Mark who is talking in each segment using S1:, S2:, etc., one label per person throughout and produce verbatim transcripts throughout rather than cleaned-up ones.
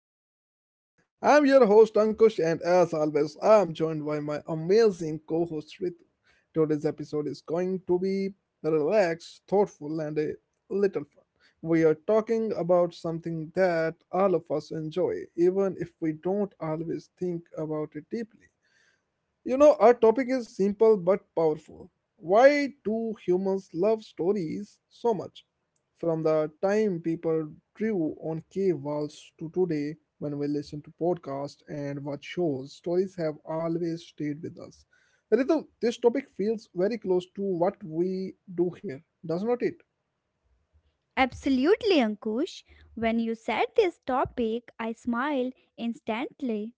S1: back to our podcast. I'm your host, Ankush, and as always, I'm joined by my amazing co host, Ritu. Today's episode is going to be relaxed, thoughtful, and a little fun. We are talking about something that all of us enjoy, even if we don't always think about it deeply. You know, our topic is simple but powerful. Why do humans love stories so much? From the time people drew on cave walls to today, when we listen to podcasts and watch shows, stories have always stayed with us. Ritu, this topic feels very close to what we do here, does not it?
S2: Absolutely, Ankush. When you said this topic, I smiled instantly.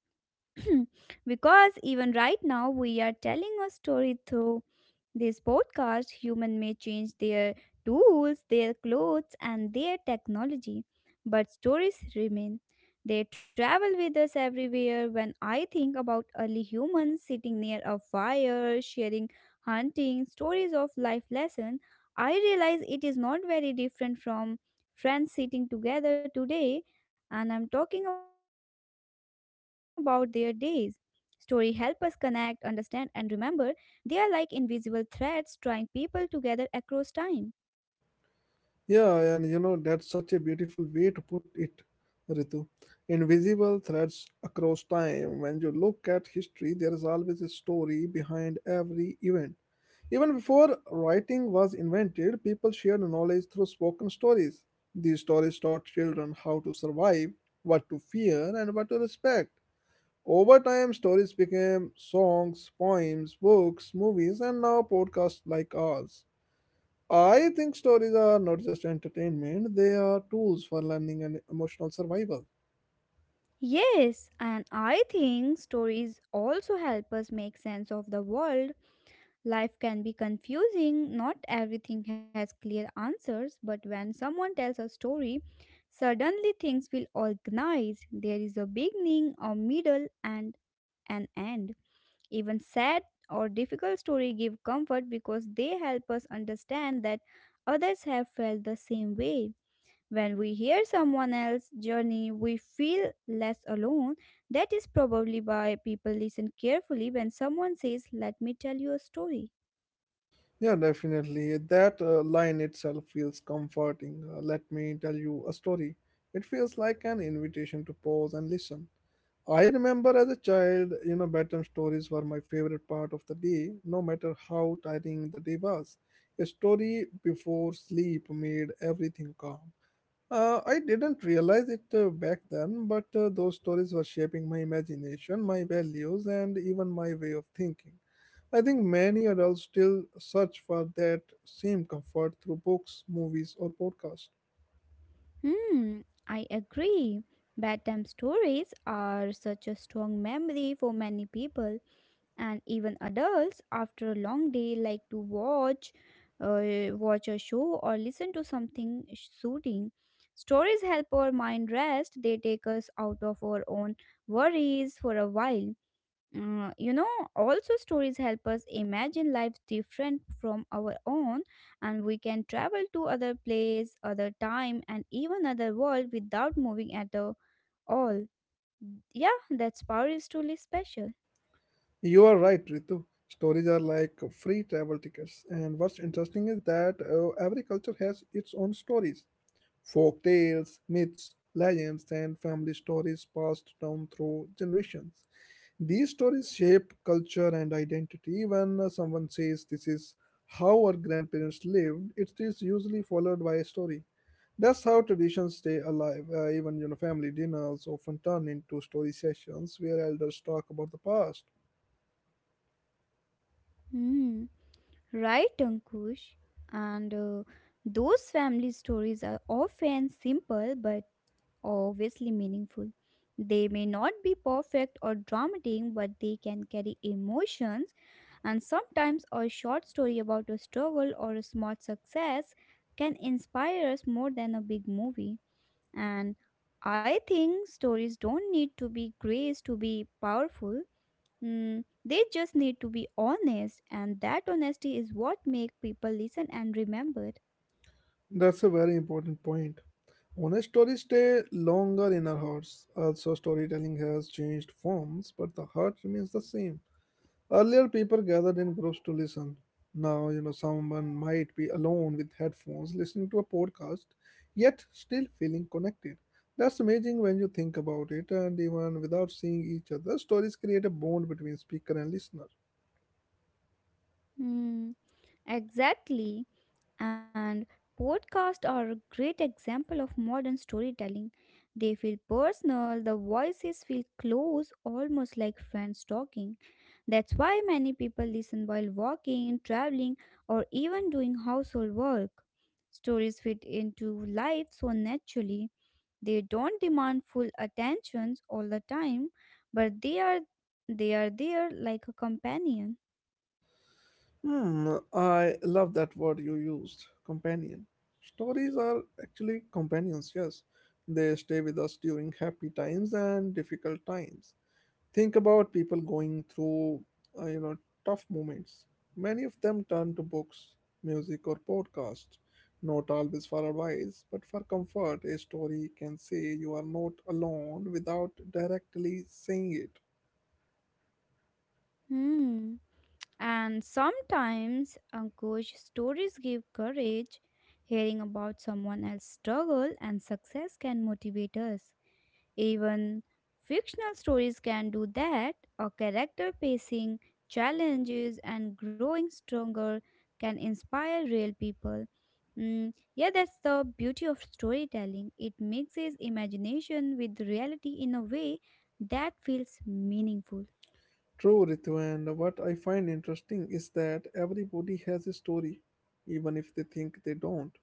S2: Because even right now we are telling a story through this podcast. Human may change their tools, their clothes, and their technology, but stories remain. They travel with us everywhere. When I think about early humans sitting near a fire sharing hunting stories of life lesson, I realize it is not very different from friends about their days. Story help us connect, understand, and remember. They are like invisible threads drawing people together across time.
S1: Yeah, and you know, that's such a beautiful way to put it, Ritu. Invisible threads across time. When you look at history, there is always a story behind every event. Even before writing was invented, people shared knowledge through spoken stories. These stories taught children how to survive, what to fear, and what to respect. Over time, stories became songs, poems, books, movies, and now podcasts like ours. I think stories are not just entertainment, they are tools for learning and emotional survival.
S2: Yes, and I think stories also help us make sense of the world. Life can be confusing, not everything has clear answers, but when someone tells a story, suddenly things feel organized. There is a beginning, a middle, and an end. Even sad or difficult story give comfort because they help us understand that others have felt the same way. When we hear someone else's journey, we feel less alone. That is probably why people listen carefully when someone says, "Let me tell you a story."
S1: Yeah, definitely. That uh, line itself feels comforting. Uh, let me tell you a story. It feels like an invitation to pause and listen. I remember as a child, you know, bedtime stories were my favorite part of the day, no matter how tiring the day was. A story before sleep made everything calm. Uh, I didn't realize it uh, back then, but uh, those stories were shaping my imagination, my values, and even my way of thinking. I think many adults still search for that same comfort through books, movies, or podcasts.
S2: Hmm, I agree. Bedtime stories are such a strong memory for many people, and even adults after a long day like to watch uh, watch a show or listen to something soothing. Stories help our mind rest, they take us out of our own worries for a while. Uh, you know Also, stories help us imagine lives different from our own, and we can travel to other place, other time, and even other world without moving at the all. Yeah, that's power is truly special.
S1: You are right, Ritu. Stories are like free travel tickets, and what's interesting is that uh, every culture has its own stories: folk tales, myths, legends, and family stories passed down through generations. These stories shape culture and identity. When uh, someone says this is how our grandparents lived, it is usually followed by a story. That's how traditions stay alive. Uh, even you know, family dinners often turn into story sessions where elders talk about the past.
S2: Hmm. Right, Ankush. And uh, those family stories are often simple but obviously meaningful. They may not be perfect or dramatic, but they can carry emotions, and sometimes a short story about a struggle or a small success can inspire us more than a big movie. And I think stories don't need to be great to be powerful. Mm, they just need to be honest, and that honesty is what make people listen and remember.
S1: That's a very important point. Honest stories stay longer in our hearts. Also, storytelling has changed forms, but the heart remains the same. Earlier, people gathered in groups to listen. Now, you know, someone might be alone with headphones listening to a podcast, yet still feeling connected. That's amazing when you think about it, and even without seeing each other, stories create a bond between speaker and listener.
S2: Mm, exactly. And podcasts are a great example of modern storytelling. They feel personal, the voices feel close, almost like friends talking. That's why many people listen while walking, traveling, or even doing household work. Stories fit into life so naturally. They don't demand full attentions all the time, but they are they are there like a companion.
S1: Hmm, I love that word you used, companion. Stories are actually companions, yes. They stay with us during happy times and difficult times. Think about people going through, uh, you know, tough moments. Many of them turn to books, music, or podcasts. Not always for advice, but for comfort. A story can say you are not alone without directly saying it.
S2: Hmm. And sometimes uh, ghost stories give courage. Hearing about someone else's struggle and success can motivate us. Even fictional stories can do that. A character facing challenges and growing stronger can inspire real people. Mm, yeah, that's the beauty of storytelling. It mixes imagination with reality in a way that feels meaningful.
S1: True, Ritu, and what I find interesting is that everybody has a story, even if they think they don't.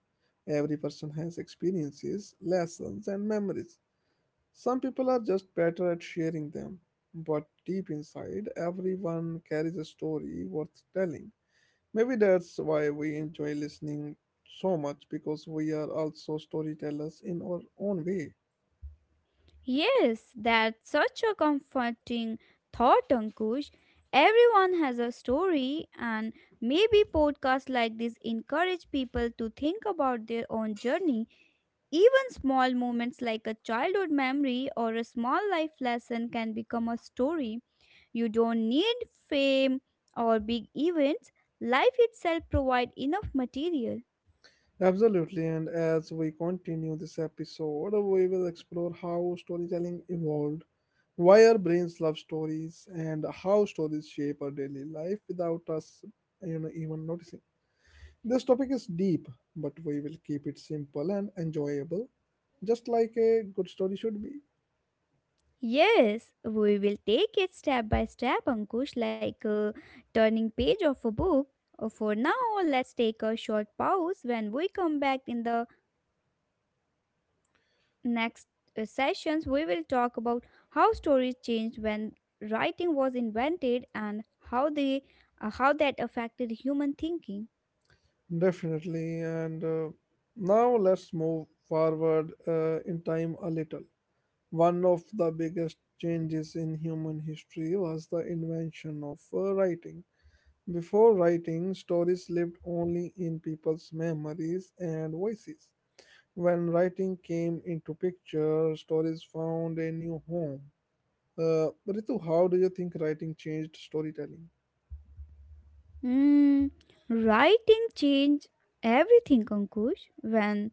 S1: Every person has experiences, lessons, and memories. Some people are just better at sharing them, but deep inside, everyone carries a story worth telling. Maybe that's why we enjoy listening so much because we are also storytellers in our own way.
S2: Yes, that's such a comforting thought, Ankush. Everyone has a story, and maybe podcasts like this encourage people to think about their own journey. Even small moments like a childhood memory or a small life lesson can become a story. You don't need fame or big events. Life itself provides enough material.
S1: Absolutely, and as we continue this episode, we will explore how storytelling evolved, why our brains love stories, and how stories shape our daily life without us you know, even noticing. This topic is deep, but we will keep it simple and enjoyable, just like a good story should be.
S2: Yes, we will take it step by step, Ankush, like a turning page of a book. Uh, For now, let's take a short pause. When we come back in the next uh, sessions, we will talk about how stories changed when writing was invented and how they uh, how that affected human thinking.
S1: Definitely. And uh, now let's move forward uh, in time a little. One of the biggest changes in human history was the invention of uh, writing. Before writing, stories lived only in people's memories and voices. When writing came into picture, stories found a new home. Uh, Ritu, how do you think writing changed storytelling?
S2: Mm, writing changed everything, Ankush. When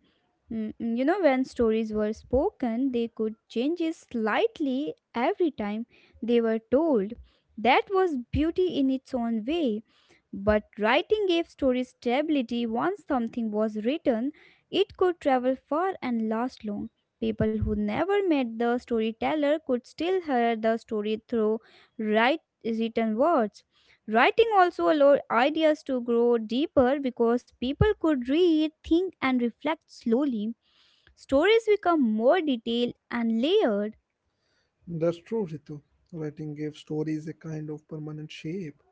S2: mm, mm, you know, when stories were spoken, they could change it slightly every time they were told. That was beauty in its own way. But writing gave stories stability. Once something was written, it could travel far and last long. People who never met the storyteller could still hear the story through write, written words. Writing also allowed ideas to grow deeper because people could read, think, and reflect slowly. Stories become more detailed and layered.
S1: That's true, Ritu. Writing gave stories a kind of permanent shape.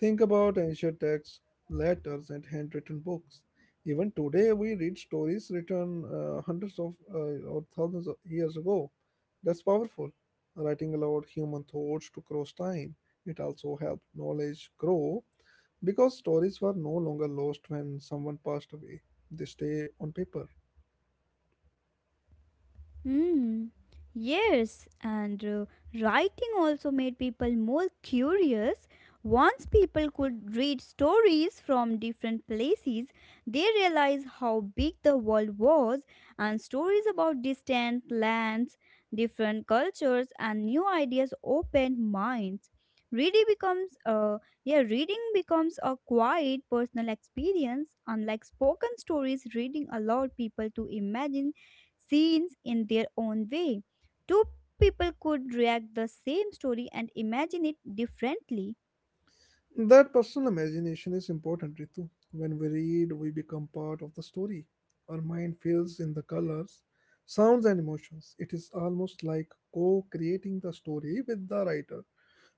S1: Think about ancient texts, letters, and handwritten books. Even today, we read stories written uh, hundreds of uh, or thousands of years ago. That's powerful. Writing allowed human thoughts to cross time. It also helped knowledge grow because stories were no longer lost when someone passed away. They stay on paper.
S2: Hmm. Yes, and uh, writing also made people more curious. Once people could read stories from different places, they realized how big the world was, and stories about distant lands, different cultures, and new ideas opened minds. Reading becomes a yeah, reading becomes a quiet personal experience. Unlike spoken stories, reading allowed people to imagine scenes in their own way. Two people could react the same story and imagine it differently.
S1: That personal imagination is important, Ritu. When we read, we become part of the story. Our mind fills in the colors, sounds, and emotions. It is almost like co creating the story with the writer.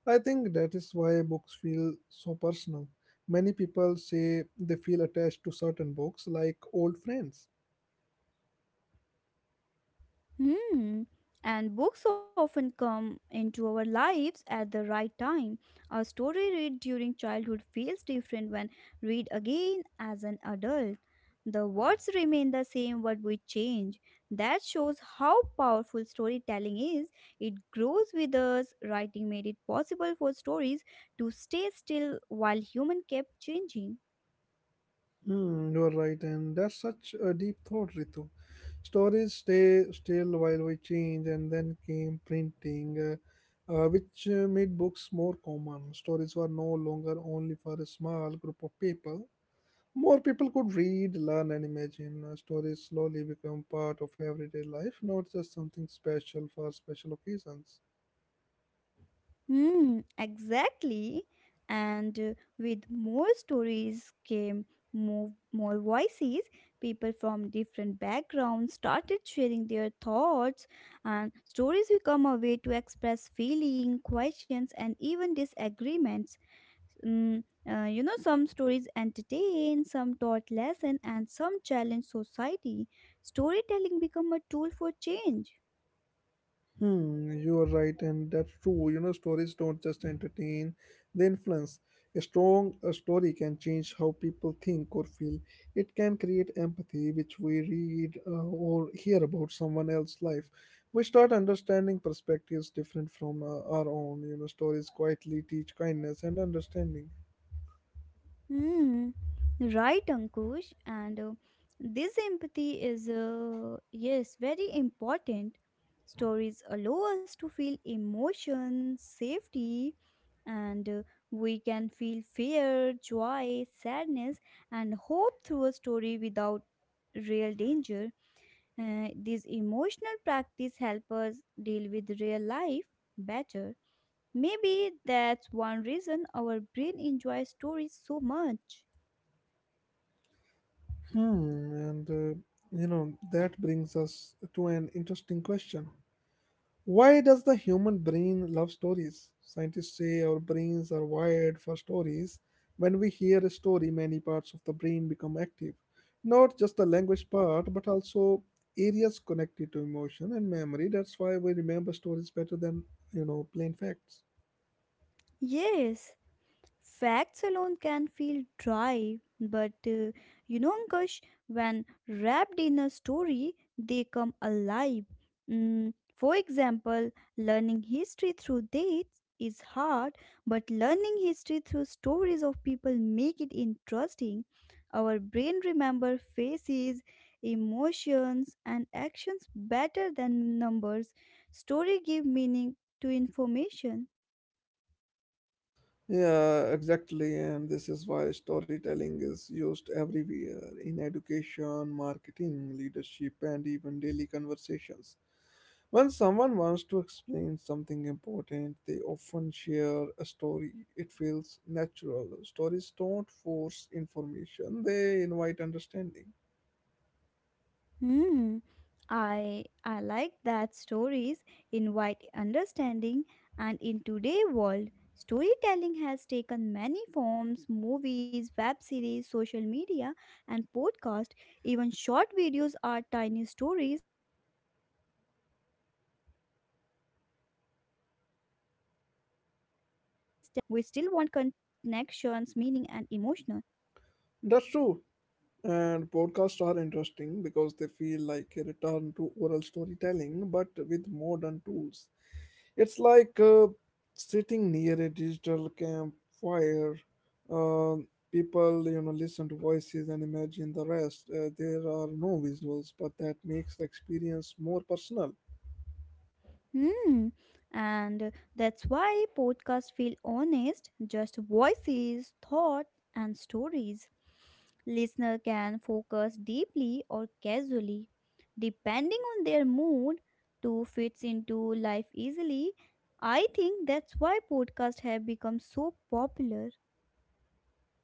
S1: I think that is why books feel so personal. Many people say they feel attached to certain books like old friends.
S2: Hmm. And books often come into our lives at the right time. A story read during childhood feels different when read again as an adult. The words remain the same, but we change. That shows how powerful storytelling is. It grows with us. Writing made it possible for stories to stay still while human kept changing.
S1: Hmm, you're right, and that's such a deep thought, Ritu. Stories stay still while we change, and then came printing, uh, uh, which uh, made books more common. Stories were no longer only for a small group of people. More people could read, learn, and imagine. Uh, stories slowly become part of everyday life, not just something special for special occasions.
S2: Hmm, exactly. And uh, with more stories came more, more voices. People from different backgrounds started sharing their thoughts, and stories become a way to express feeling, questions, and even disagreements. Mm, uh, you know, some stories entertain, some taught lesson, and some challenge society. Storytelling become a tool for change.
S1: Hmm, you are right, and that's true. You know, stories don't just entertain, they influence. A strong a story can change how people think or feel. It can create empathy, which we read uh, or hear about someone else's life. We start understanding perspectives different from uh, our own. You know, stories quietly teach kindness and understanding.
S2: Hmm. Right, Ankush. And uh, this empathy is, uh, yes, very important. Stories allow us to feel emotion, safety, and uh, we can feel fear, joy, sadness, and hope through a story without real danger. Uh, this emotional practice helps us deal with real life better. Maybe that's one reason our brain enjoys stories so much.
S1: Hmm, and uh, you know, that brings us to an interesting question. Why does the human brain love stories? Scientists say our brains are wired for stories. When we hear a story, many parts of the brain become active. Not just the language part, but also areas connected to emotion and memory. That's why we remember stories better than, you know, plain facts.
S2: Yes, facts alone can feel dry, but uh, you know, Ankush, when wrapped in a story, they come alive. Mm, for example, learning history through dates is hard, but learning history through stories of people make it interesting. Our brain remember faces, emotions, and actions better than numbers. Story give meaning to information.
S1: Yeah, exactly. And this is why storytelling is used everywhere in education, marketing, leadership, and even daily conversations. When someone wants to explain something important, they often share a story. It feels natural. Stories don't force information, they invite understanding.
S2: Hmm. I I like that stories invite understanding, and in today's world storytelling has taken many forms: movies, web series, social media, and podcast. Even short videos are tiny stories, still want con- connections, meaning, and emotional.
S1: That's true. And podcasts are interesting because they feel like a return to oral storytelling but with modern tools. It's like uh, sitting near a digital campfire. Uh, people, you know, listen to voices and imagine the rest. Uh, there are no visuals, but that makes the experience more personal.
S2: Hmm. And that's why podcasts feel honest, just voices, thought, and stories. Listener can focus deeply or casually, depending on their mood, to fits into life easily. I think that's why podcasts have become so popular.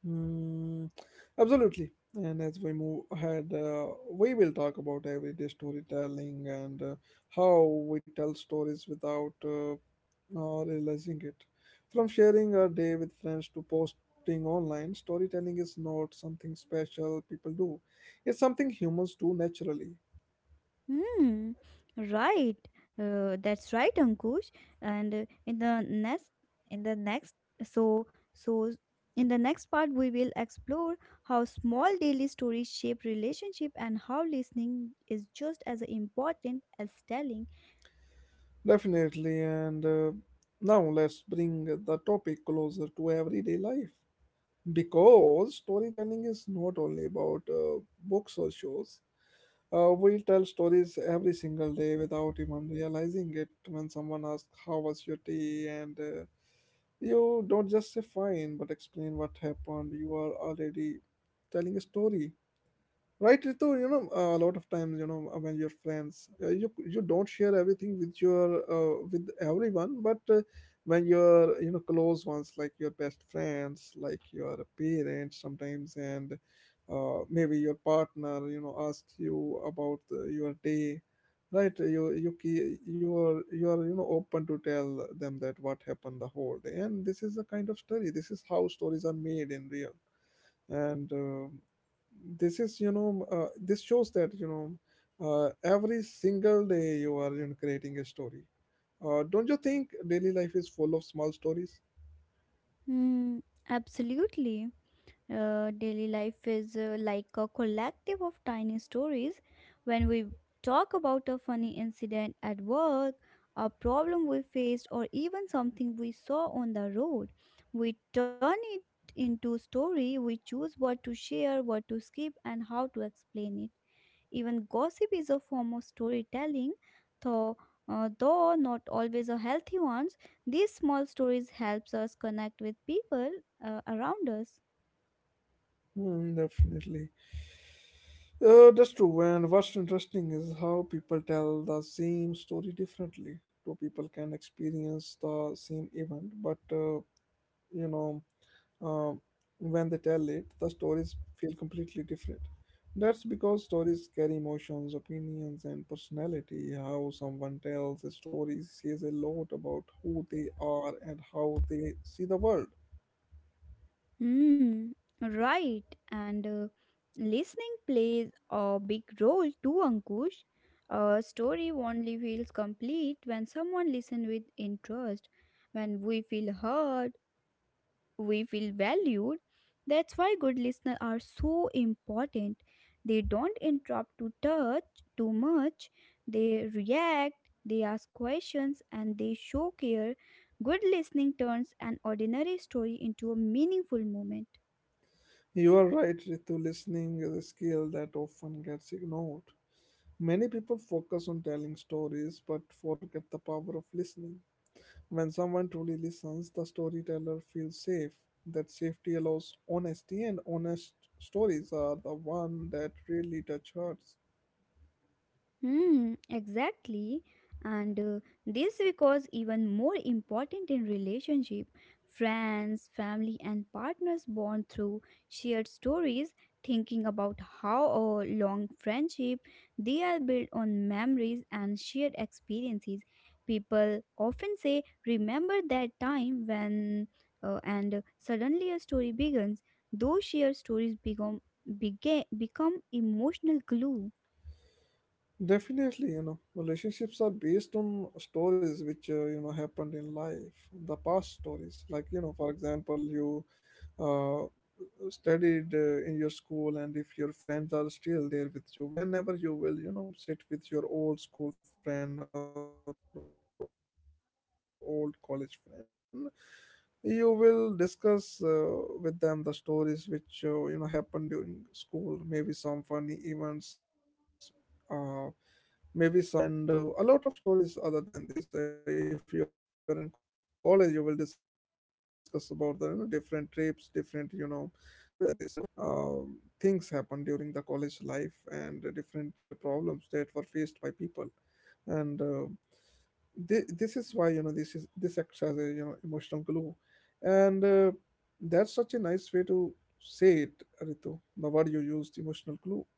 S1: Mm, absolutely. And as we move ahead, uh, we will talk about everyday storytelling and uh, how we tell stories without uh, uh, realizing it. From sharing our day with friends to posting online, storytelling is not something special people do, it's something humans do naturally.
S2: Hmm. Right. Uh, that's right, Ankush. And uh, in the next, in the next, so so in the next part, we will explore how small daily stories shape relationship and how listening is just as important as telling.
S1: Definitely, and uh, now let's bring the topic closer to everyday life. Because storytelling is not only about uh, books or shows, uh, we tell stories every single day without even realizing it. When someone asks, "How was your day?" and uh, you don't just say fine, but explain what happened, you are already telling a story, right, Ritu? You know uh, a lot of times, you know uh, when you're friends, uh, you you don't share everything with your uh, with everyone, but uh, when your you know close ones, like your best friends, like your parents sometimes, and uh, maybe your partner you know asks you about uh, your day. Right, you you ke- you are you are you know open to tell them that what happened the whole day. And this is a kind of story. This is how stories are made in real. And uh, this is you know uh, this shows that you know uh, every single day you are, you know, creating a story. Uh, don't you think daily life is full of small stories?
S2: Hmm. Absolutely. Uh, daily life is uh, like a collective of tiny stories. When we talk about a funny incident at work, a problem we faced, or even something we saw on the road, we turn it into a story. We choose what to share, what to skip, and how to explain it. Even gossip is a form of storytelling, though, uh, though not always a healthy ones. These small stories helps us connect with people uh, around us.
S1: Hmm, definitely. Uh, that's true. And what's interesting is how people tell the same story differently. Two people can experience the same event, but uh, you know um, when they tell it, the stories feel completely different. That's because stories carry emotions, opinions, and personality. How someone tells a story says a lot about who they are and how they see the world.
S2: Hmm, right. And uh, listening plays a big role too, Ankush. A story only feels complete when someone listens with interest. When we feel heard, we feel valued. That's why good listeners are so important. They don't interrupt to touch too much. They react, they ask questions, and they show care. Good listening turns an ordinary story into a meaningful moment.
S1: You are right, Ritu. Listening is a skill that often gets ignored. Many people focus on telling stories but forget the power of listening. When someone truly listens, the storyteller feels safe. That safety allows honesty, and honest stories are the one that really touch hearts.
S2: Hmm, exactly. And uh, this because even more important in relationship, friends, family, and partners bond through shared stories, thinking about how a long friendship they are built on memories and shared experiences. People often say, remember that time when uh, and suddenly a story begins. Those shared stories become, bega- become emotional glue.
S1: Definitely, you know, relationships are based on stories which uh, you know happened in life, the past stories. Like, you know, for example, you uh, studied uh, in your school, and if your friends are still there with you, whenever you will, you know, sit with your old school friend or old college friend, you will discuss uh, with them the stories which uh, you know happened during school, maybe some funny events. Uh, Maybe some uh, you know uh, uh, moments when you were scared in school, and uh, a lot of stories other than this. Uh, if you are in college, you will discuss about the you know, different trips, different you know um, things happen during the college life and the different problems that were faced by people. And uh, this, this is why, you know this is this acts as a you know emotional glue. And uh, That's such a nice way to say it, Ritu. The word you used, emotional glue.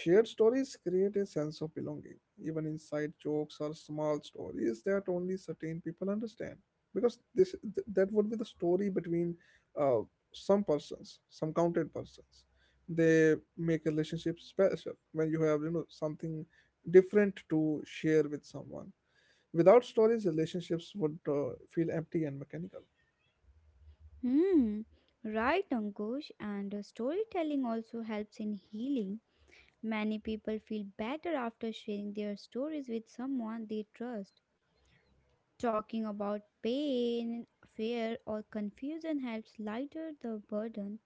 S1: Shared stories create a sense of belonging, even inside jokes or small stories that only certain people understand. Because this th- that would be the story between uh, some persons, some counted persons. They make a relationship special when you have you know something different to share with someone. Without stories, relationships would uh, feel empty and mechanical.
S2: Hmm, right, Ankush. And uh, storytelling also helps in healing. Many people feel better after sharing their stories with someone they trust. Talking about pain, fear, or confusion helps lighter the burden.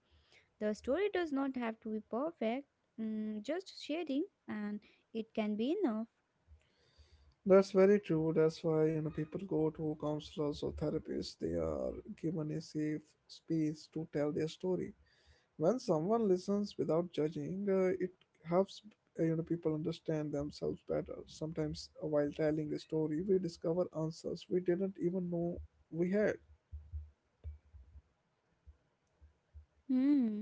S2: The story does not have to be perfect, mm, just sharing, and it can be enough.
S1: That's very true. That's why, you know people go to counselors or therapists. They are given a safe space to tell their story. When someone listens without judging, uh, it helps uh, you know people understand themselves better. Sometimes, uh, while telling a story, we discover answers we didn't even know we had.
S2: Hmm.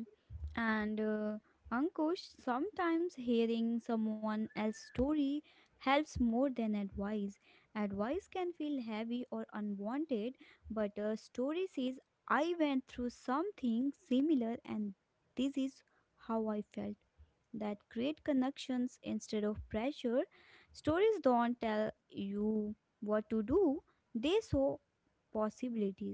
S2: And uh, Ankush, sometimes hearing someone else's story helps more than advice. Advice can feel heavy or unwanted, but a story says, I went through something similar and this is how I felt. That create connections instead of pressure. Stories don't tell you what to do, they show possibilities.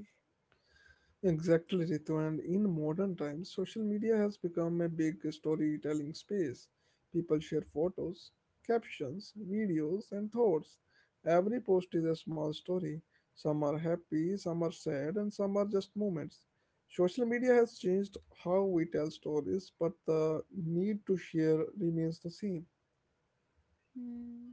S1: Exactly, Ritu. And in modern times, social media has become a big storytelling space. People share photos, captions, videos, and thoughts. Every post is a small story. Some are happy, some are sad, and some are just moments. Social media has changed how we tell stories, but the need to share remains the same.
S2: Hmm.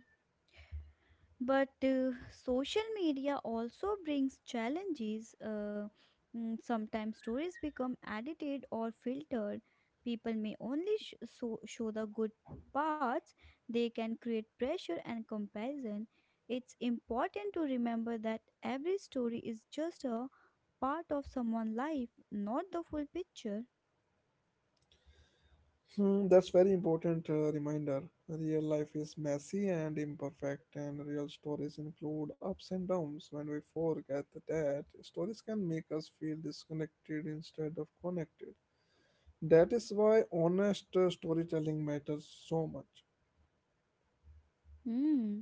S2: But uh, social media also brings challenges. Uh, mm, sometimes stories become edited or filtered. People may only sh- so- show the good parts. They can create pressure and comparison. It's important to remember that every story is just a part of someone's life, not the full picture.
S1: Hmm, that's very important uh, reminder. Real life is messy and imperfect, and real stories include ups and downs. When we forget that, stories can make us feel disconnected instead of connected. That is why honest uh, storytelling matters so much.
S2: Hmm.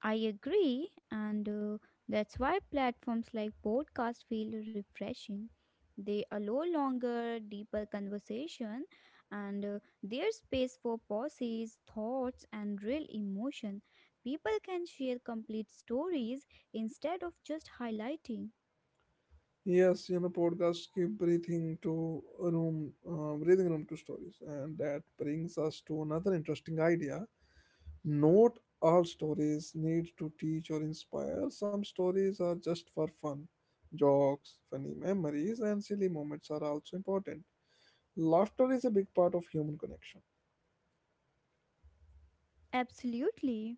S2: I agree, and uh, that's why platforms like podcast feel refreshing. They allow longer, deeper conversation, and uh, there's space for pauses, thoughts, and real emotion. People can share complete stories instead of just highlighting.
S1: Yes, you know, podcasts give breathing to room, uh, breathing room to stories, and that brings us to another interesting idea. Not all stories need to teach or inspire. Some stories are just for fun. Jokes, funny memories, and silly moments are also important. Laughter is a big part of human connection.
S2: Absolutely.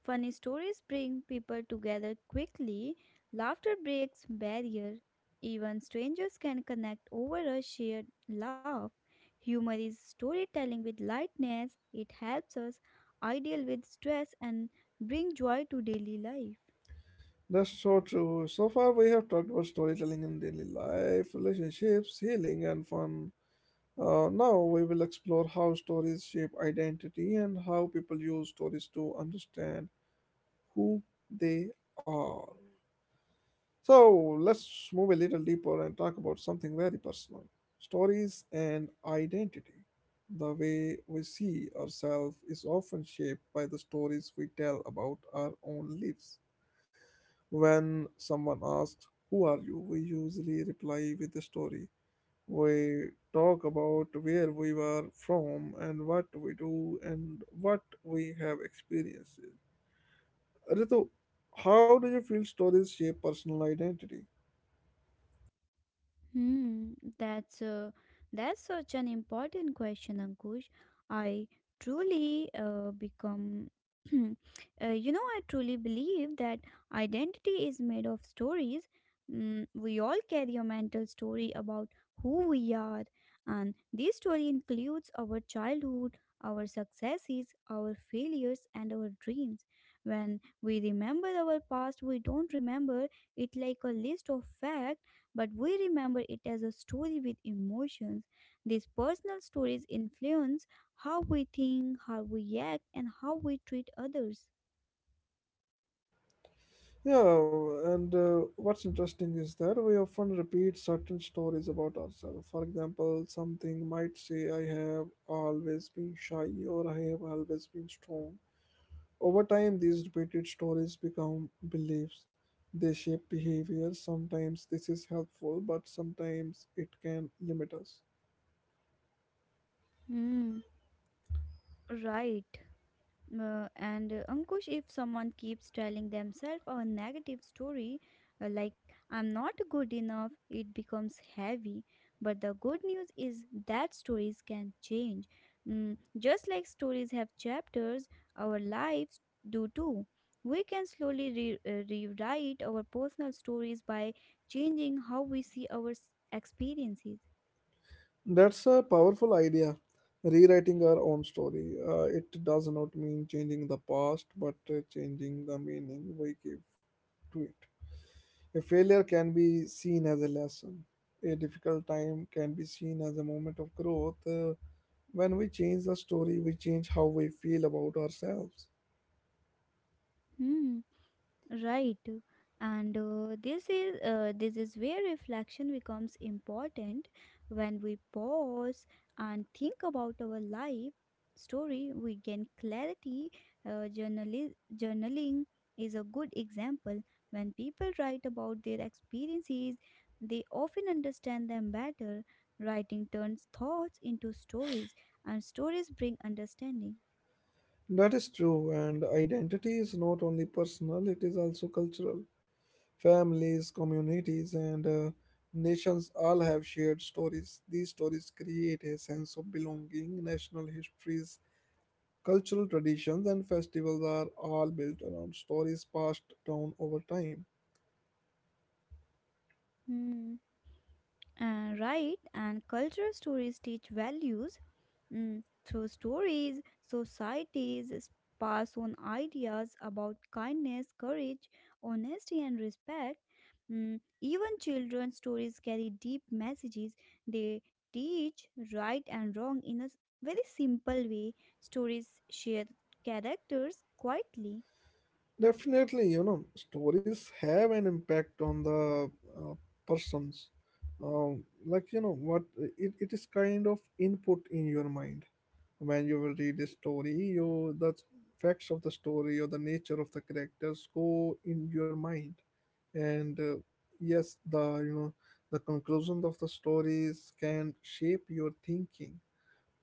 S2: Funny stories bring people together quickly. Laughter breaks barrier. Even strangers can connect over a shared laugh. Humor is storytelling with lightness. It helps us ideal with stress and bring joy to daily life.
S1: That's so true. So far, we have talked about storytelling in daily life, relationships, healing, and fun. Uh, now, we will explore how stories shape identity and how people use stories to understand who they are. So, let's move a little deeper and talk about something very personal: stories and identity. The way we see ourselves is often shaped by the stories we tell about our own lives. When someone asks, "Who are you?" we usually reply with a story. We talk about where we were from and what we do and what we have experienced. Ritu, how do you feel stories shape personal identity?
S2: Hmm, that's uh, that's such an important question, Ankush. I truly uh, become, uh, you know, I truly believe that identity is made of stories. Mm, we all carry a mental story about who we are, and this story includes our childhood, our successes, our failures, and our dreams. When we remember our past, we don't remember it like a list of facts but we remember it as a story with emotions. These personal stories influence how we think, how we act, and how we treat others.
S1: Yeah, and uh, what's interesting is that we often repeat certain stories about ourselves. For example, something might say, "I have always been shy," or "I have always been strong." Over time, these repeated stories become beliefs. They shape behavior. Sometimes this is helpful, but sometimes it can limit us.
S2: Hmm, right. Uh, and uh, Ankush, if someone keeps telling themselves a negative story, uh, like I'm not good enough, it becomes heavy. But the good news is that stories can change. Mm, just like stories have chapters, our lives do too. We can slowly re- uh, rewrite our personal stories by changing how we see our s- experiences.
S1: That's a powerful idea. Rewriting our own story. Uh, it does not mean changing the past, but uh, changing the meaning we give to it. A failure can be seen as a lesson. A difficult time can be seen as a moment of growth. Uh, when we change the story, we change how we feel about ourselves.
S2: Hmm. Right. And uh, this is uh, this is where reflection becomes important when we pause and think about our life story we gain clarity, uh, journali- journaling is a good example. When people write about their experiences they often understand them better. Writing turns thoughts into stories and stories bring understanding.
S1: That is true, and identity is not only personal, it is also cultural. Families, communities, and uh, nations all have shared stories. These stories create a sense of belonging. National histories, cultural traditions, and festivals are all built around stories passed down over time.
S2: Hmm. And right, and cultural stories teach values, mm, through stories. Societies s- pass on ideas about kindness, courage, honesty, and respect. Mm, even children's stories carry deep messages. They teach right and wrong in a s- very simple way. Stories share characters quietly.
S1: Definitely, you know, stories have an impact on the uh, persons. Um, like, you know, what it, it is kind of input in your mind. When you will read a story, you the facts of the story or the nature of the characters go in your mind. And uh, yes, the you know the conclusion of the stories can shape your thinking.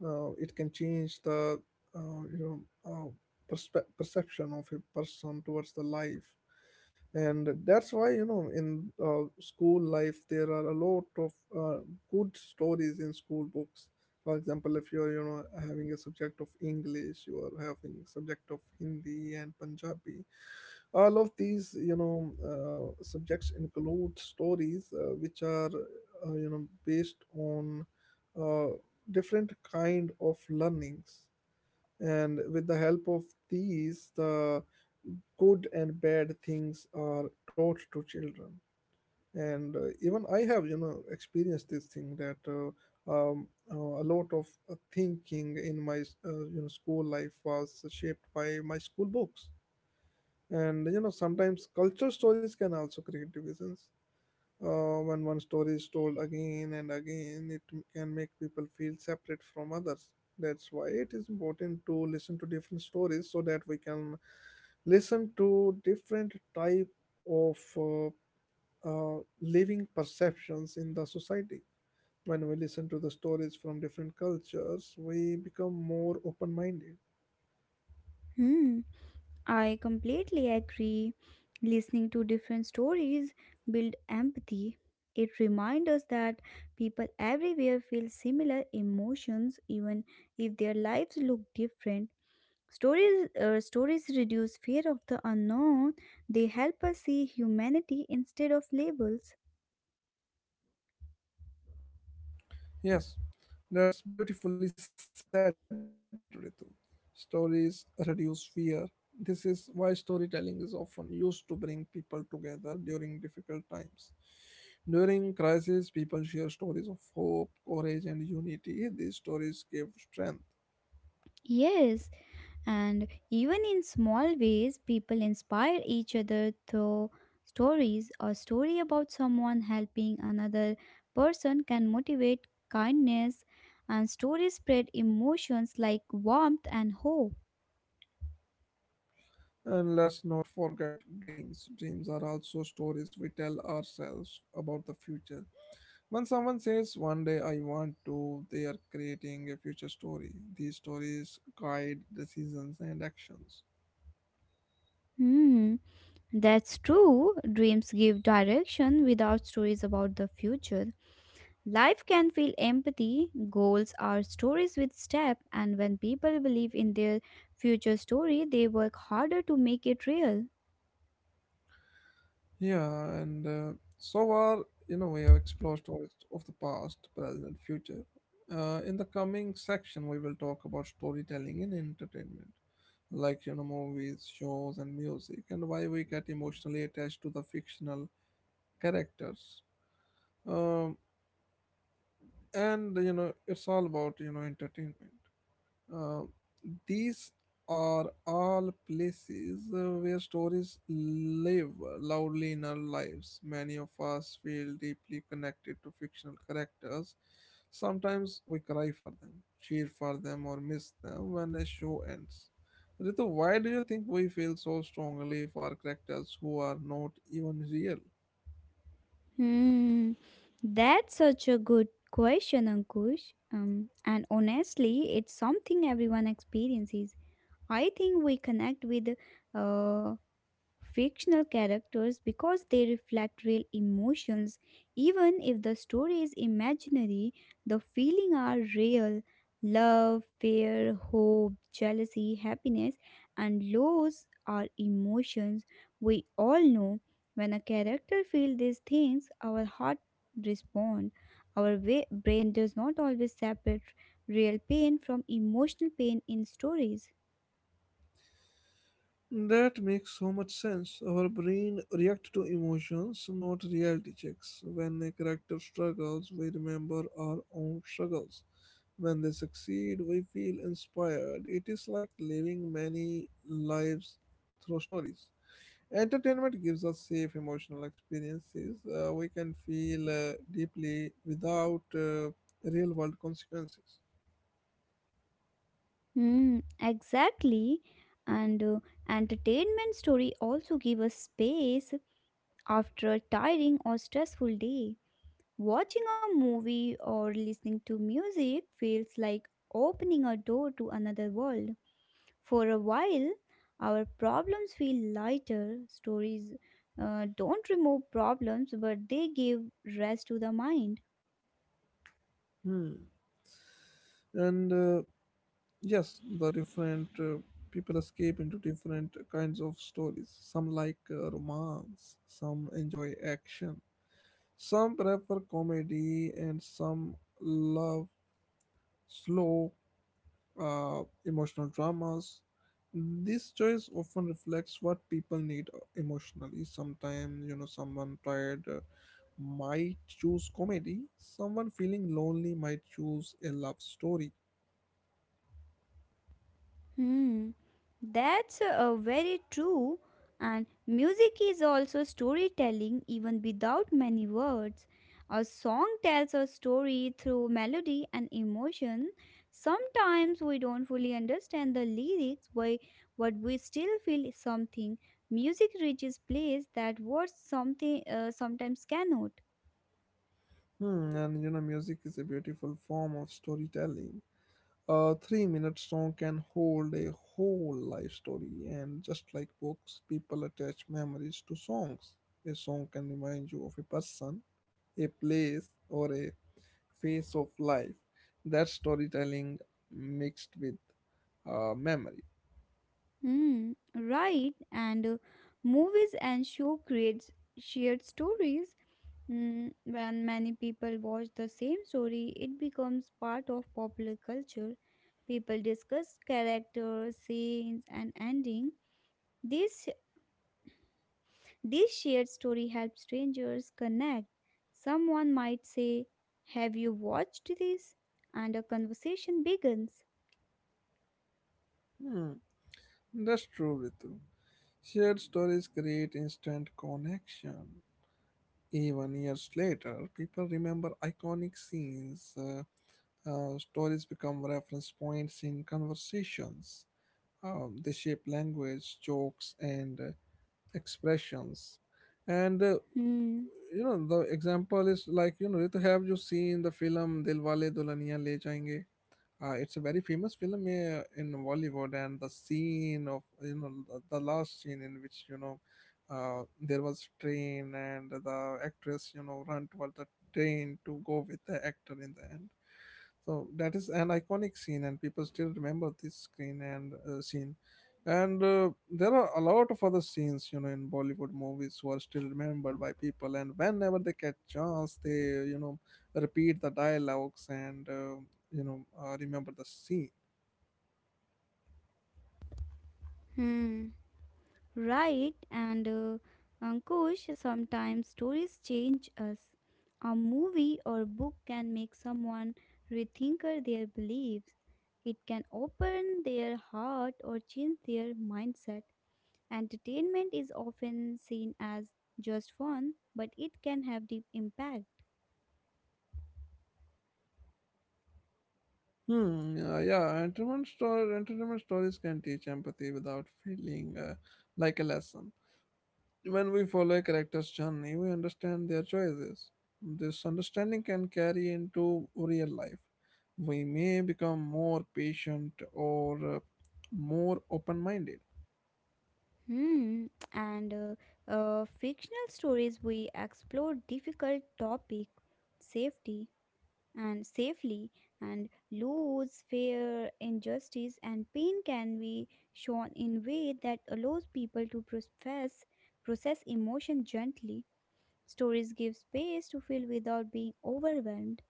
S1: uh, It can change the uh, you know uh, perspe- perception of a person towards the life. And that's why, you know in uh, school life, there are a lot of uh, good stories in school books. For example, if you're you know having a subject of English, you are having subject of Hindi and Punjabi. All of these you know uh, subjects include stories, uh, which are uh, you know based on uh different kind of learnings. And with the help of these, the good and bad things are taught to children. And uh, even I have you know experienced this thing that uh, um, uh, a lot of uh, thinking in my uh, you know school life was shaped by my school books. And you know sometimes culture stories can also create divisions. Uh, when one story is told again and again, it m- can make people feel separate from others. That's why it is important to listen to different stories so that we can listen to different type of uh, uh, living perceptions in the society. When we listen to the stories from different cultures, we become more open-minded.
S2: Hmm. I completely agree. Listening to different stories build empathy. It reminds us that people everywhere feel similar emotions even if their lives look different. Stories uh, stories reduce fear of the unknown. They help us see humanity instead of labels.
S1: Yes, that's beautifully said, Ritu. Stories reduce fear. This is why storytelling is often used to bring people together during difficult times. During crisis, people share stories of hope, courage, and unity. These stories give strength.
S2: Yes, and even in small ways, people inspire each other through stories. A story about someone helping another person can motivate kindness, and stories spread emotions like warmth and hope.
S1: And let's not forget dreams. Dreams are also stories we tell ourselves about the future. When someone says, "One day I want to," they are creating a future story. These stories guide decisions and actions.
S2: Hmm, that's true. Dreams give direction without stories about the future. Life can feel empathy. Goals are stories with step, and when people believe in their future story, they work harder to make it real.
S1: Yeah, and uh, so far, you know, we have explored stories of the past, present, future. Uh, in the coming section, we will talk about storytelling in entertainment, like, you know, movies, shows, and music, and why we get emotionally attached to the fictional characters. Um, and, you know, it's all about, you know, entertainment. Uh, these are all places uh, where stories live loudly in our lives. Many of us feel deeply connected to fictional characters. Sometimes we cry for them, cheer for them, or miss them when a show ends. Ritu, why do you think we feel so strongly for characters who are not even real?
S2: Hmm. That's such a good question, Ankush. Um, and honestly, it's something everyone experiences. I think we connect with uh, fictional characters because they reflect real emotions. Even if the story is imaginary, the feelings are real love, fear, hope, jealousy, happiness, and loss are emotions we all know. When a character feels these things, our heart responds. Our wa- brain does not always separate real pain from emotional pain in stories.
S1: That makes so much sense. Our brain reacts to emotions, not reality checks. When a character struggles, we remember our own struggles. When they succeed, we feel inspired. It is like living many lives through stories. Entertainment gives us safe emotional experiences. Uh, we can feel uh, deeply without uh, real world consequences.
S2: Hmm, exactly. And uh, Entertainment story also give us space after a tiring or stressful day. Watching a movie or listening to music feels like opening a door to another world. For a while, our problems feel lighter. Stories uh, don't remove problems, but they give rest to the mind.
S1: Hmm. And uh, Yes, the different uh, people escape into different kinds of stories. Some like uh, romance, some enjoy action, some prefer comedy, and some love slow uh, emotional dramas. This choice often reflects what people need, uh, emotionally. Sometimes, you know, someone tired uh, might choose comedy, someone feeling lonely might choose a love story.
S2: Hmm, that's uh, very true. And music is also storytelling, even without many words. A song tells a story through melody and emotion. Sometimes we don't fully understand the lyrics, but, but we still feel something. Music reaches place that words something uh, sometimes cannot.
S1: Hmm, and you know, music is a beautiful form of storytelling. A three minute song can hold a whole life story, and just like books, people attach memories to songs. A song can remind you of a person, a place, or a phase of life. That's storytelling mixed with uh, memory.
S2: Hmm, right. And uh, Movies and show creates shared stories, mm, when many people watch the same story, it becomes part of popular culture. People discuss characters, scenes, and ending. This this shared story helps strangers connect. Someone might say, "Have you watched this?" and a conversation begins.
S1: Hmm, that's true, Ritu. Shared stories create instant connection. Even years later, people remember iconic scenes. Uh, uh, stories become reference points in conversations. Um, they shape language, jokes, and uh, expressions. And uh,
S2: Hmm.
S1: you know, the example is like you know, Ritu, have you seen the film Dilwale Dulhaniya Le Jayenge? Uh, it's a very famous film uh, in Bollywood, and the scene of, you know the the last scene in which, you know uh, there was train and the actress, you know run towards the train to go with the actor in the end. So that is an iconic scene, and people still remember this screen and uh, scene. And uh, there are a lot of other scenes, you know, in Bollywood movies who are still remembered by people. And whenever they get chance, they you know repeat the dialogues and uh, you know uh, remember the scene.
S2: Hmm. Right, and uh, Ankush, sometimes stories change us. A movie or book can make someone rethink their beliefs. It can open their heart or change their mindset. Entertainment is often seen as just fun, but it can have deep impact.
S1: Hmm uh, yeah, entertainment story entertainment stories can teach empathy without feeling uh, like a lesson. When we follow a character's journey, we understand their choices. This understanding can carry into real life. We may become more patient or uh, more open-minded.
S2: Hmm. And uh, uh, Fictional stories we explore difficult topic, safety, and safely and laws fear, injustice and pain can be shown in way that allows people to process process emotion gently. Stories give space to feel without being overwhelmed.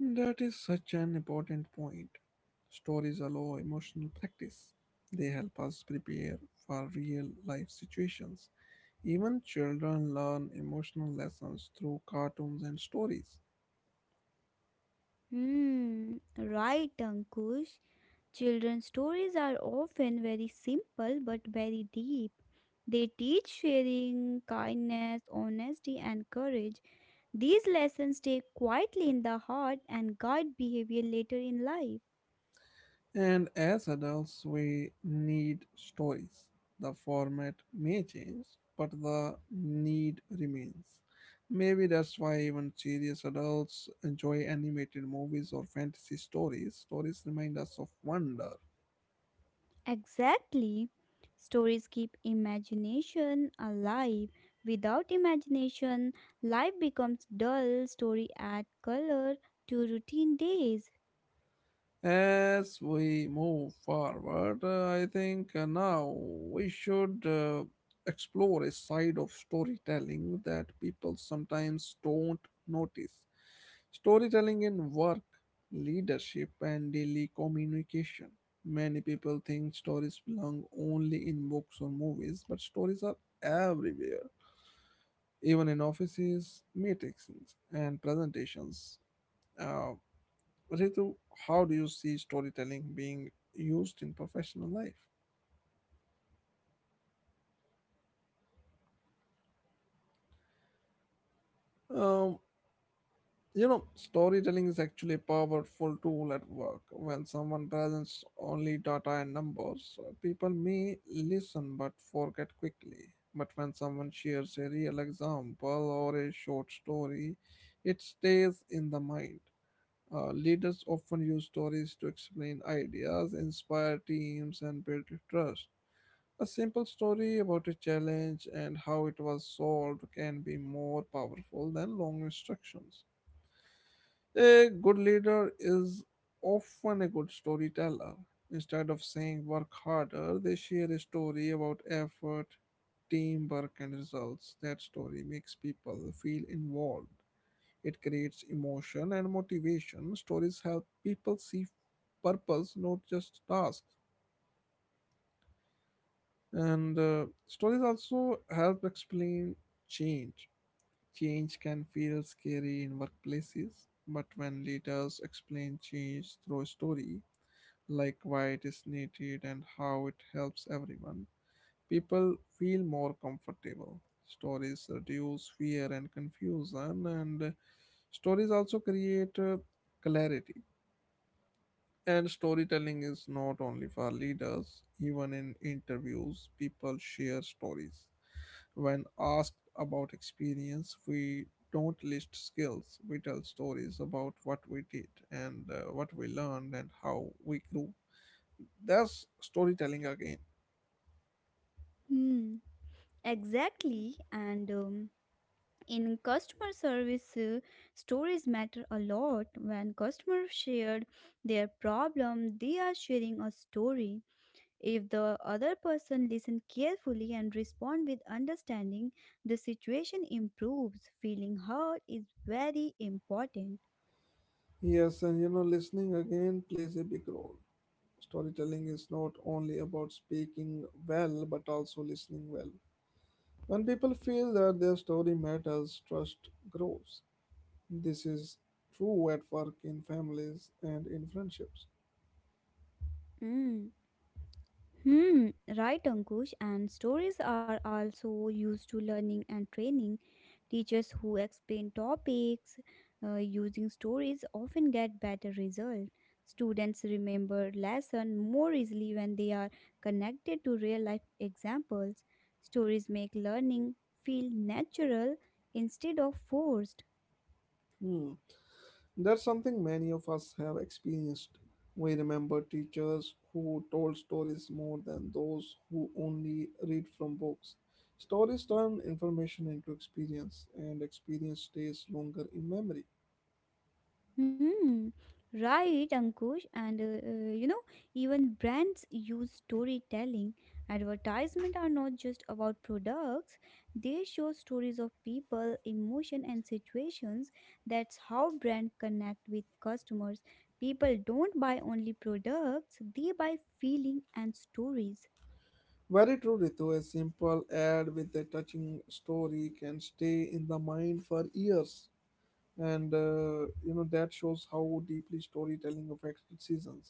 S1: That is such an important point. Stories allow emotional practice. They help us prepare for real life situations. Even children learn emotional lessons through cartoons and stories.
S2: Hmm, right, Ankush. Children's stories are often very simple but very deep. They teach sharing, kindness, honesty and courage. These lessons stay quietly in the heart and guide behavior later in life.
S1: And as adults, we need stories. The format may change, but the need remains. Maybe that's why even serious adults enjoy animated movies or fantasy stories. Stories remind us of wonder.
S2: Exactly. Stories keep imagination alive. Without imagination, life becomes dull. Story add color to routine days.
S1: As we move forward, uh, I think uh, now we should uh, explore a side of storytelling that people sometimes don't notice. Storytelling in work, leadership, and daily communication. Many people think stories belong only in books or movies, but stories are everywhere, even in offices, meetings, and presentations. Uh, Ritu, how do you see storytelling being used in professional life? Um, you know, storytelling is actually a powerful tool at work. When someone presents only data and numbers, uh, people may listen but forget quickly. But when someone shares a real example or a short story, it stays in the mind. Uh, leaders often use stories to explain ideas, inspire teams, and build trust. A simple story about a challenge and how it was solved can be more powerful than long instructions. A good leader is often a good storyteller. Instead of saying work harder, they share a story about effort, teamwork, and results. That story makes people feel involved. It creates emotion and motivation. Stories help people see purpose, not just tasks. And uh, Stories also help explain change. Change can feel scary in workplaces, but when leaders explain change through a story, like why it is needed and how it helps everyone, people feel more comfortable. Stories reduce fear and confusion, and uh, stories also create uh, clarity. And storytelling is not only for leaders, even in interviews, people share stories. When asked about experience, we don't list skills, we tell stories about what we did and uh, what we learned and how we grew. That's storytelling again.
S2: Hmm. Exactly. And um, in customer service, uh, stories matter a lot. When customers shared their problem, they are sharing a story. If the other person listens carefully and responds with understanding, the situation improves. Feeling heard is very important.
S1: Yes, and you know, listening again plays a big role. Storytelling is not only about speaking well, but also listening well. When people feel that their story matters, trust grows. This is true at work, in families, and in friendships.
S2: Mm. Hmm, right, Ankush. And stories are also used to learning and training. Teachers who explain topics uh, using stories often get better results. Students remember lessons more easily when they are connected to real life examples. Stories make learning feel natural instead of forced.
S1: Hmm. That's something many of us have experienced. We remember teachers who told stories more than those who only read from books. Stories turn information into experience, and experience stays longer in memory.
S2: Hmm, right, Ankush. And uh, uh, you know, even brands use storytelling. Advertisement are not just about products, they show stories of people, emotion, and situations. That's how brand connect with customers. People don't buy only products, they buy feeling and stories.
S1: Very true, Ritu. A simple ad with a touching story can stay in the mind for years. and uh, you know, that shows how deeply storytelling affects seasons.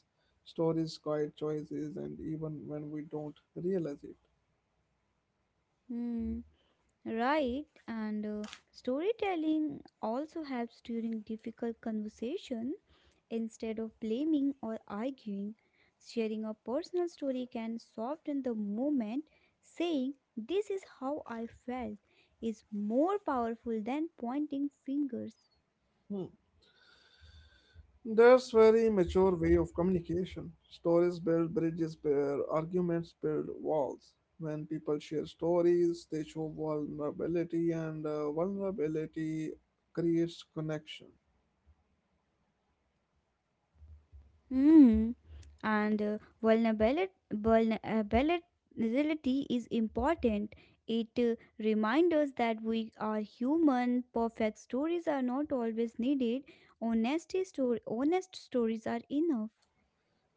S1: Stories guide choices and even when we don't realize it.
S2: Hmm. Right, and uh, storytelling also helps during difficult conversation. Instead of blaming or arguing, sharing a personal story can soften the moment. Saying, this is how I felt, is more powerful than pointing fingers.
S1: Hmm. There's very mature way of communication. Stories build bridges, build arguments, build walls. When people share stories they show vulnerability, and uh, vulnerability creates connection.
S2: Mm. And uh, vulnerability, vulnerability is important. It uh, reminds us that we are human. Perfect stories are not always needed. Honesty story, honest stories are enough.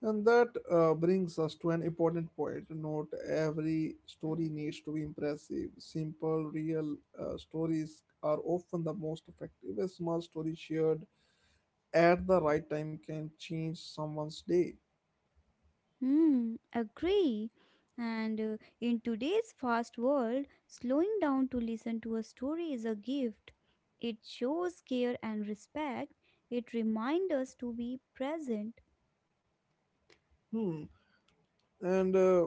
S1: And that uh, brings us to an important point. Not every story needs to be impressive. Simple, real uh, stories are often the most effective. A small story shared at the right time can change someone's day.
S2: Hmm. Agree. And uh, In today's fast world, slowing down to listen to a story is a gift. It shows care and respect. It reminds us to be present.
S1: Hmm. And uh,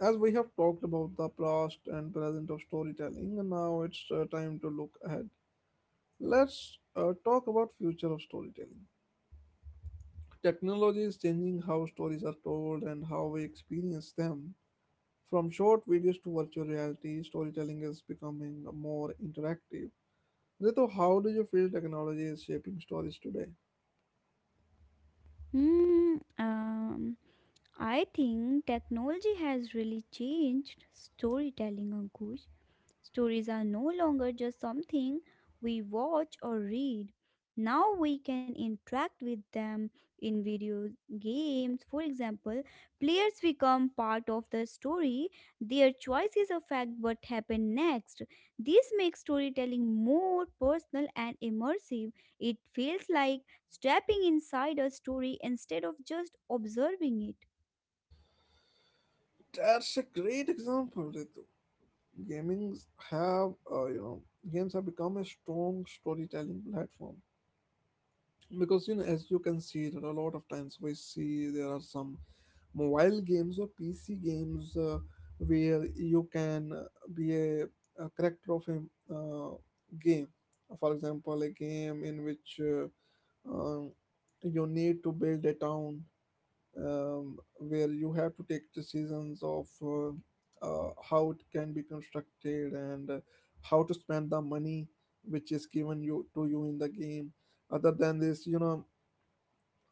S1: As we have talked about the past and present of storytelling, now it's uh, time to look ahead. Let's uh, talk about future of storytelling. Technology is changing how stories are told and how we experience them. From short videos to virtual reality, storytelling is becoming more interactive. Ritu, how do you feel technology is shaping stories today?
S2: Hmm. Um, I think technology has really changed storytelling, Ankush. Stories are no longer just something we watch or read. Now we can interact with them in video games. For example, players become part of the story. Their choices affect what happens next. This makes storytelling more personal and immersive. It feels like stepping inside a story instead of just observing it.
S1: That's a great example, Ritu. Gamings have, uh, you know, Games have become a strong storytelling platform. Because you know, as you can see that a lot of times we see there are some mobile games or pc games uh, where you can uh, be a, a character of a uh, game. For example, a game in which uh, um, you need to build a town, um, where you have to take decisions of uh, uh, how it can be constructed and uh, how to spend the money which is given you to you in the game. Other than this, you know,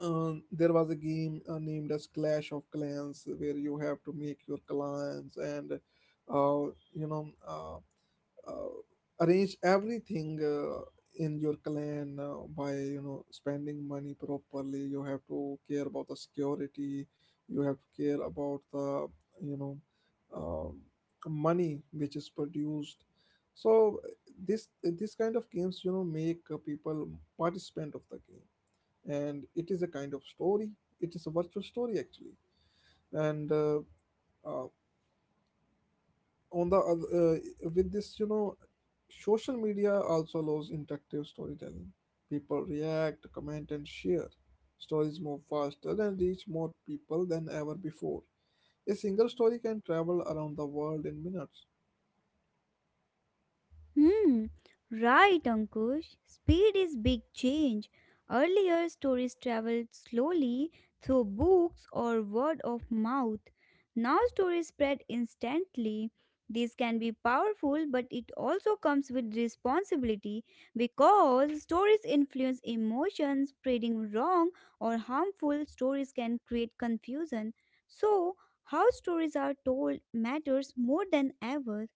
S1: um, there was a game uh, named as Clash of Clans where you have to make your clans and uh, you know, Uh, uh, arrange everything uh, in your clan uh, by you know spending money properly. You have to care about the security, you have to care about the you know, um, money which is produced. So this this kind of games, you know, make uh, people participant of the game, and it is a kind of story. It is a virtual story actually. And uh, uh, on the other, uh, with this, you know, social media also allows interactive storytelling. People react, comment, and share. Stories move faster and reach more people than ever before. A single story can travel around the world in minutes.
S2: Hmm, right, Ankush. Speed is big change. Earlier, stories traveled slowly through books or word of mouth. Now, stories spread instantly. This can be powerful, but it also comes with responsibility because stories influence emotions. Spreading wrong or harmful stories can create confusion. So, how stories are told matters more than ever.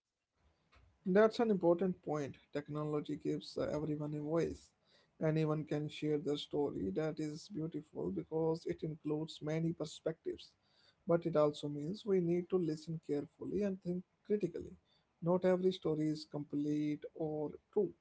S1: That's an important point. Technology gives uh, everyone a voice. Anyone can share their story. That is beautiful because it includes many perspectives. But it also means we need to listen carefully and think critically. Not every story is complete or true.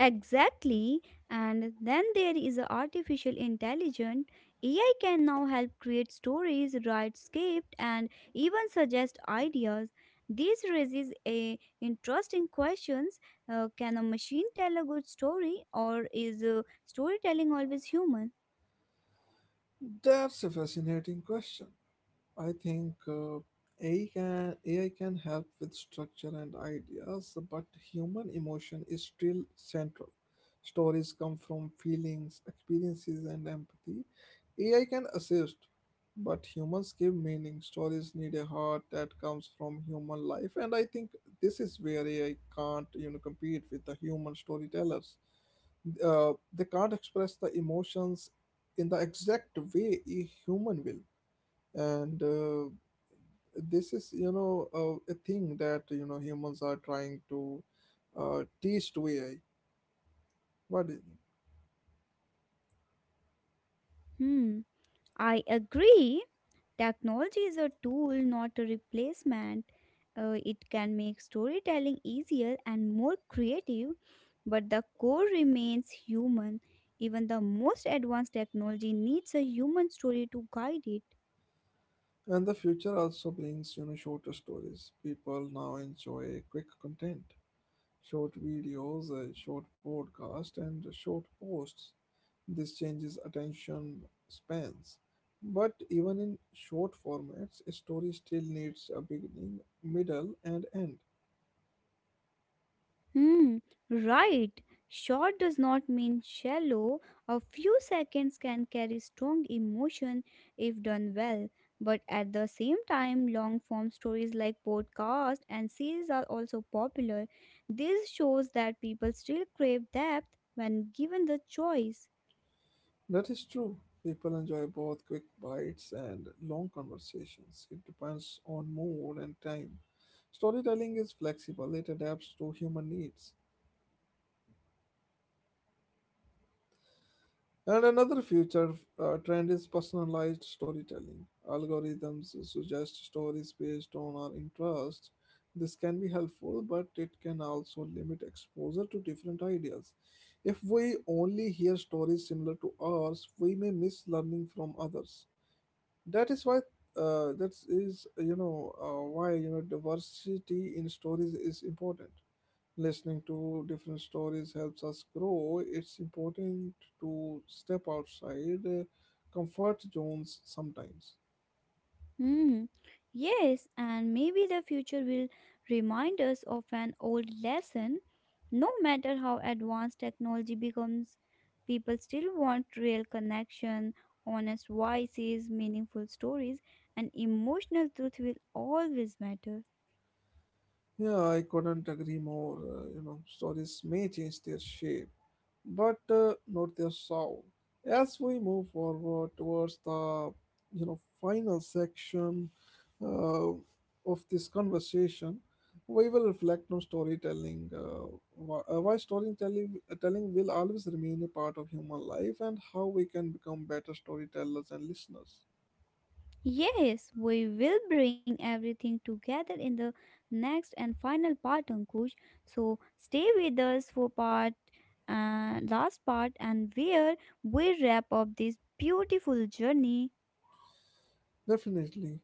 S2: Exactly. And then there is a artificial intelligence. A I can now help create stories, write script, and even suggest ideas. This raises a interesting questions. Uh, can a machine tell a good story, or is uh, storytelling always human?
S1: That's a fascinating question. I think uh, AI can A I can help with structure and ideas, but human emotion is still central. Stories come from feelings, experiences, and empathy. A I can assist, but humans give meaning. Stories need a heart that comes from human life, and I think this is where A I can't, you know, compete with the human storytellers. Uh, they can't express the emotions in the exact way a human will. And uh, this is, you know, a, a thing that you know humans are trying to uh, teach to A I. But
S2: Hmm. I agree. Technology is a tool, not a replacement. Uh, it can make storytelling easier and more creative, but the core remains human. Even the most advanced technology needs a human story to guide it.
S1: and the future also brings you know shorter stories. People now enjoy quick content, short videos, uh, short podcasts, and short posts. This changes attention spans. But even in short formats, a story still needs a beginning, middle, and end.
S2: Hmm, right. Short does not mean shallow. A few seconds can carry strong emotion if done well. But at the same time, long form stories like podcasts and series are also popular. This shows that people still crave depth when given the choice.
S1: That is true. People enjoy both quick bites and long conversations. It depends on mood and time. Storytelling is flexible, it adapts to human needs. And another future uh, trend is personalized storytelling. Algorithms suggest stories based on our interests. This can be helpful, but it can also limit exposure to different ideas. If we only hear stories similar to ours, we may miss learning from others. that is why uh, that is you know, uh, why you know diversity in stories is important. Listening to different stories helps us grow. It's important to step outside uh, comfort zones sometimes.
S2: Hmm. Yes, and maybe the future will remind us of an old lesson. No matter how advanced technology becomes, people still want real connection, honest voices, meaningful stories, and emotional truth will always matter.
S1: Yeah, I couldn't agree more. Uh, you know, stories may change their shape, but uh, not their sound. As we move forward towards the you know final section uh, of this conversation, we will reflect on storytelling. Uh, why, uh, why storytelling uh, telling will always remain a part of human life, and how we can become better storytellers and listeners.
S2: Yes, we will bring everything together in the next and final part, Ankush. So stay with us for part uh, last part and where we wrap up this beautiful journey.
S1: Definitely.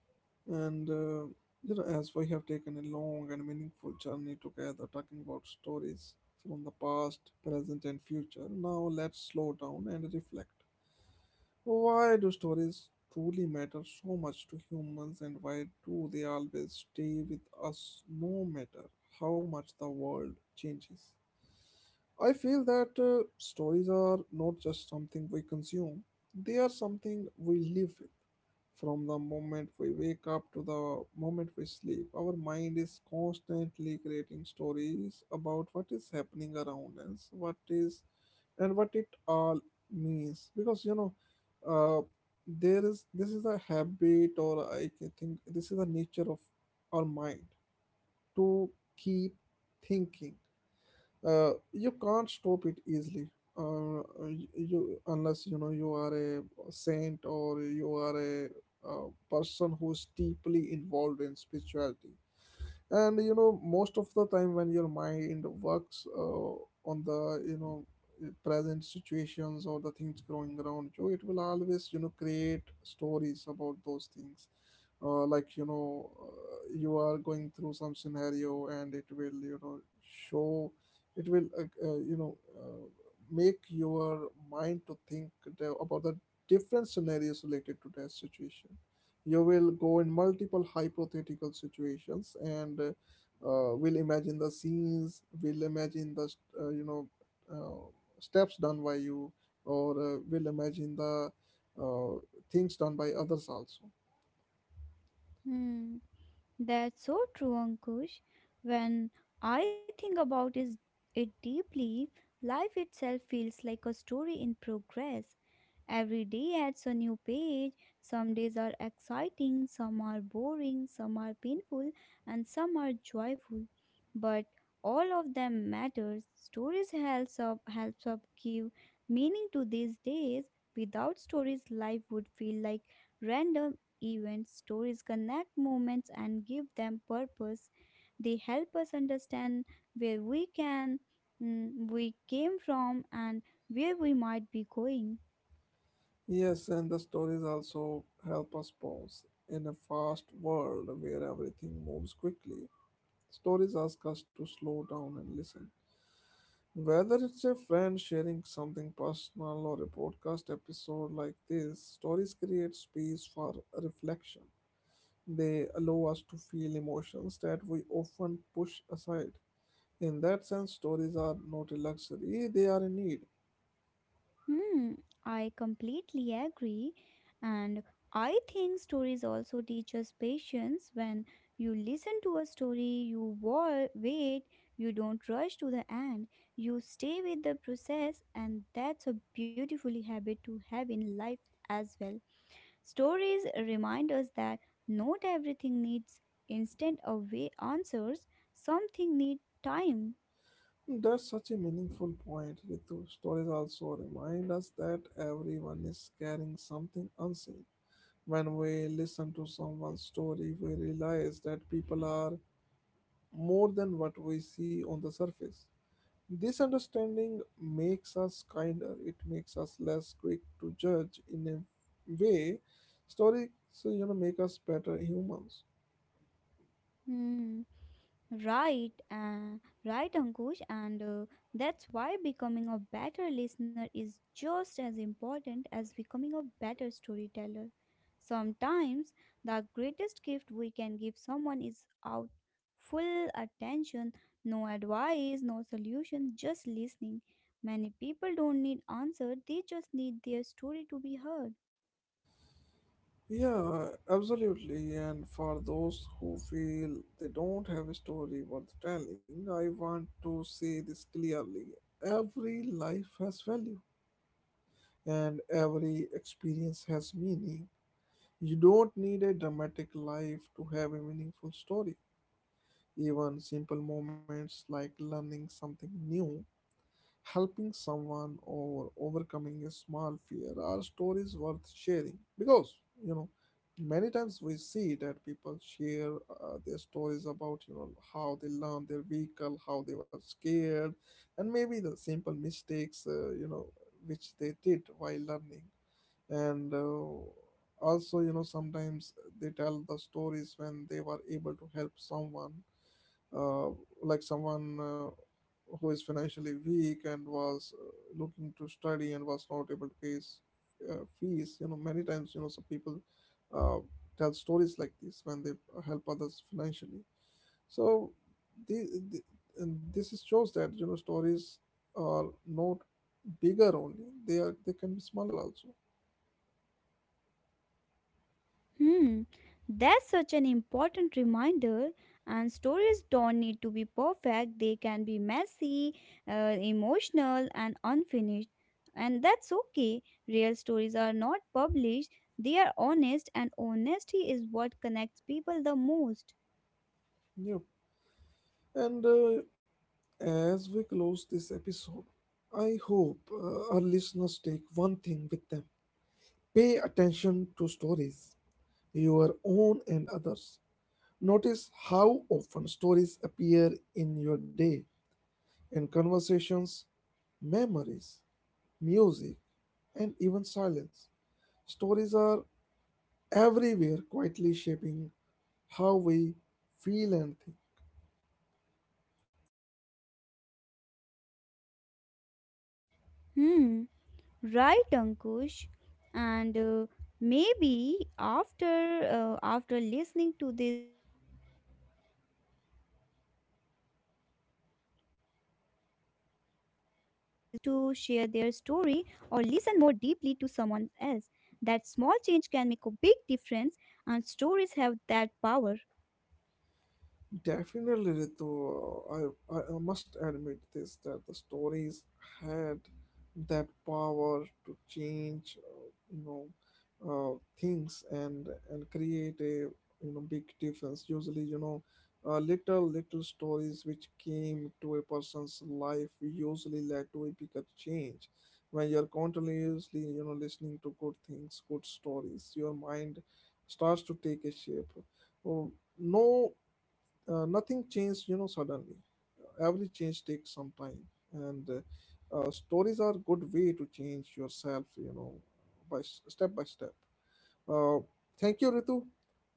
S1: And, uh, you know, as we have taken a long and meaningful journey together talking about stories from the past, present, and future, now let's slow down and reflect. Why do stories truly matter so much to humans and why do they always stay with us no matter how much the world changes? I feel that uh, stories are not just something we consume, they are something we live with. From the moment we wake up to the moment we sleep, our mind is constantly creating stories about what is happening around us, what is and what it all means. Because you know, uh, there is this is a habit, or I can think this is the nature of our mind to keep thinking. Uh, you can't stop it easily uh, y- you unless you know you are a saint or you are a, uh person who's deeply involved in spirituality. And you know most of the time when your mind works uh, on the you know present situations or the things growing around you, it will always you know create stories about those things. Uh, like you know, uh, you are going through some scenario and it will you know show, it will uh, uh, you know, uh, make your mind to think the, about the different scenarios related to that situation. You will go in multiple hypothetical situations and uh, uh, will imagine the scenes, will imagine the st- uh, you know, uh, steps done by you, or uh, will imagine the uh, things done by others also.
S2: Hmm, that's so true, Ankush. When I think about is it deeply, life itself feels like a story in progress. Every day adds a new page. Some days are exciting, some are boring, some are painful, and some are joyful. But all of them matters. Stories helps up helps up give meaning to these days. Without stories, life would feel like random events. Stories connect moments and give them purpose. They help us understand where we can, mm, we came from and where we might be going.
S1: Yes, and the stories also help us pause in a fast world where everything moves quickly. Stories ask us to slow down and listen. Whether it's a friend sharing something personal or a podcast episode like this, stories create space for reflection. They allow us to feel emotions that we often push aside. In that sense, stories are not a luxury, they are a need.
S2: Hmm, I completely agree. And I think stories also teach us patience. When you listen to a story, you wa- wait, you don't rush to the end, you stay with the process, and that's a beautiful habit to have in life as well. Stories remind us that not everything needs instant away answers, something need time.
S1: That's such a meaningful point, Ritu. Stories also remind us that everyone is carrying something unseen. When we listen to someone's story, we realize that people are more than what we see on the surface. This understanding makes us kinder, it makes us less quick to judge in a way. Stories, you know, make us better humans.
S2: Hmm. Right, uh, right, Ankush, and uh, that's why becoming a better listener is just as important as becoming a better storyteller. Sometimes the greatest gift we can give someone is out full attention, no advice, no solution, just listening. Many people don't need answer; they just need their story to be heard.
S1: Yeah, absolutely. And for those who feel they don't have a story worth telling, I want to say this clearly. Every life has value, and every experience has meaning. You don't need a dramatic life to have a meaningful story. Even simple moments like learning something new, helping someone, or overcoming a small fear are stories worth sharing. Because, you know, many times we see that people share uh, their stories about, you know, how they learned their vehicle, how they were scared, and maybe the simple mistakes, uh, you know, which they did while learning. And uh, also you know sometimes they tell the stories when they were able to help someone, uh, like someone uh, who is financially weak and was uh, looking to study and was not able to pay his uh, fees. You know many times you know some people uh, tell stories like this when they help others financially. So the, the, and this is shows that you know stories are not bigger only, they are they can be smaller also.
S2: Hmm, that's such an important reminder. And stories don't need to be perfect, they can be messy, uh, emotional, and unfinished. And that's okay. Real stories are not published, they are honest, and honesty is what connects people the most.
S1: Yeah. And uh, As we close this episode, I hope uh, our listeners take one thing with them: pay attention to stories, your own and others. Notice how often stories appear in your day, in conversations, memories, music, and even silence. Stories are everywhere, quietly shaping how we feel and think.
S2: Hmm, right, Ankush. And uh, maybe after uh, after listening to this their story or listen more deeply to someone else. That small change can make a big difference, and stories have that power.
S1: Definitely, Ritu. I, I I must admit this that the stories had that power to change, uh, you know, uh, things, and and create a you know big difference. Usually, you know, uh, little little stories which came to a person's life usually led to a bigger change. When you're continuously you know listening to good things, good stories, your mind starts to take a shape. Oh, no, uh, nothing changed you know suddenly. Every change takes some time. And uh, uh, stories are good way to change yourself, you know, by s- step by step. uh, Thank you, Ritu.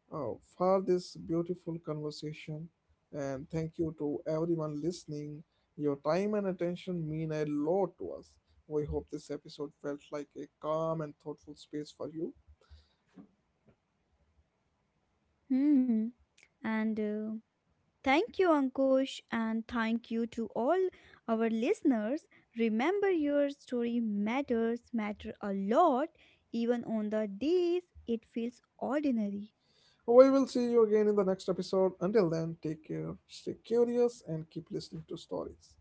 S1: Oh, for this beautiful conversation, and thank you to everyone listening. Your time and attention mean a lot to us. We hope this episode felt like a calm and thoughtful space for you.
S2: Hmm. And uh, Thank you, Ankush, and thank you to all our listeners. Remember, your story matters, matter a lot, even on the days it feels ordinary.
S1: We will see you again in the next episode. Until then, take care, stay curious, and keep listening to stories.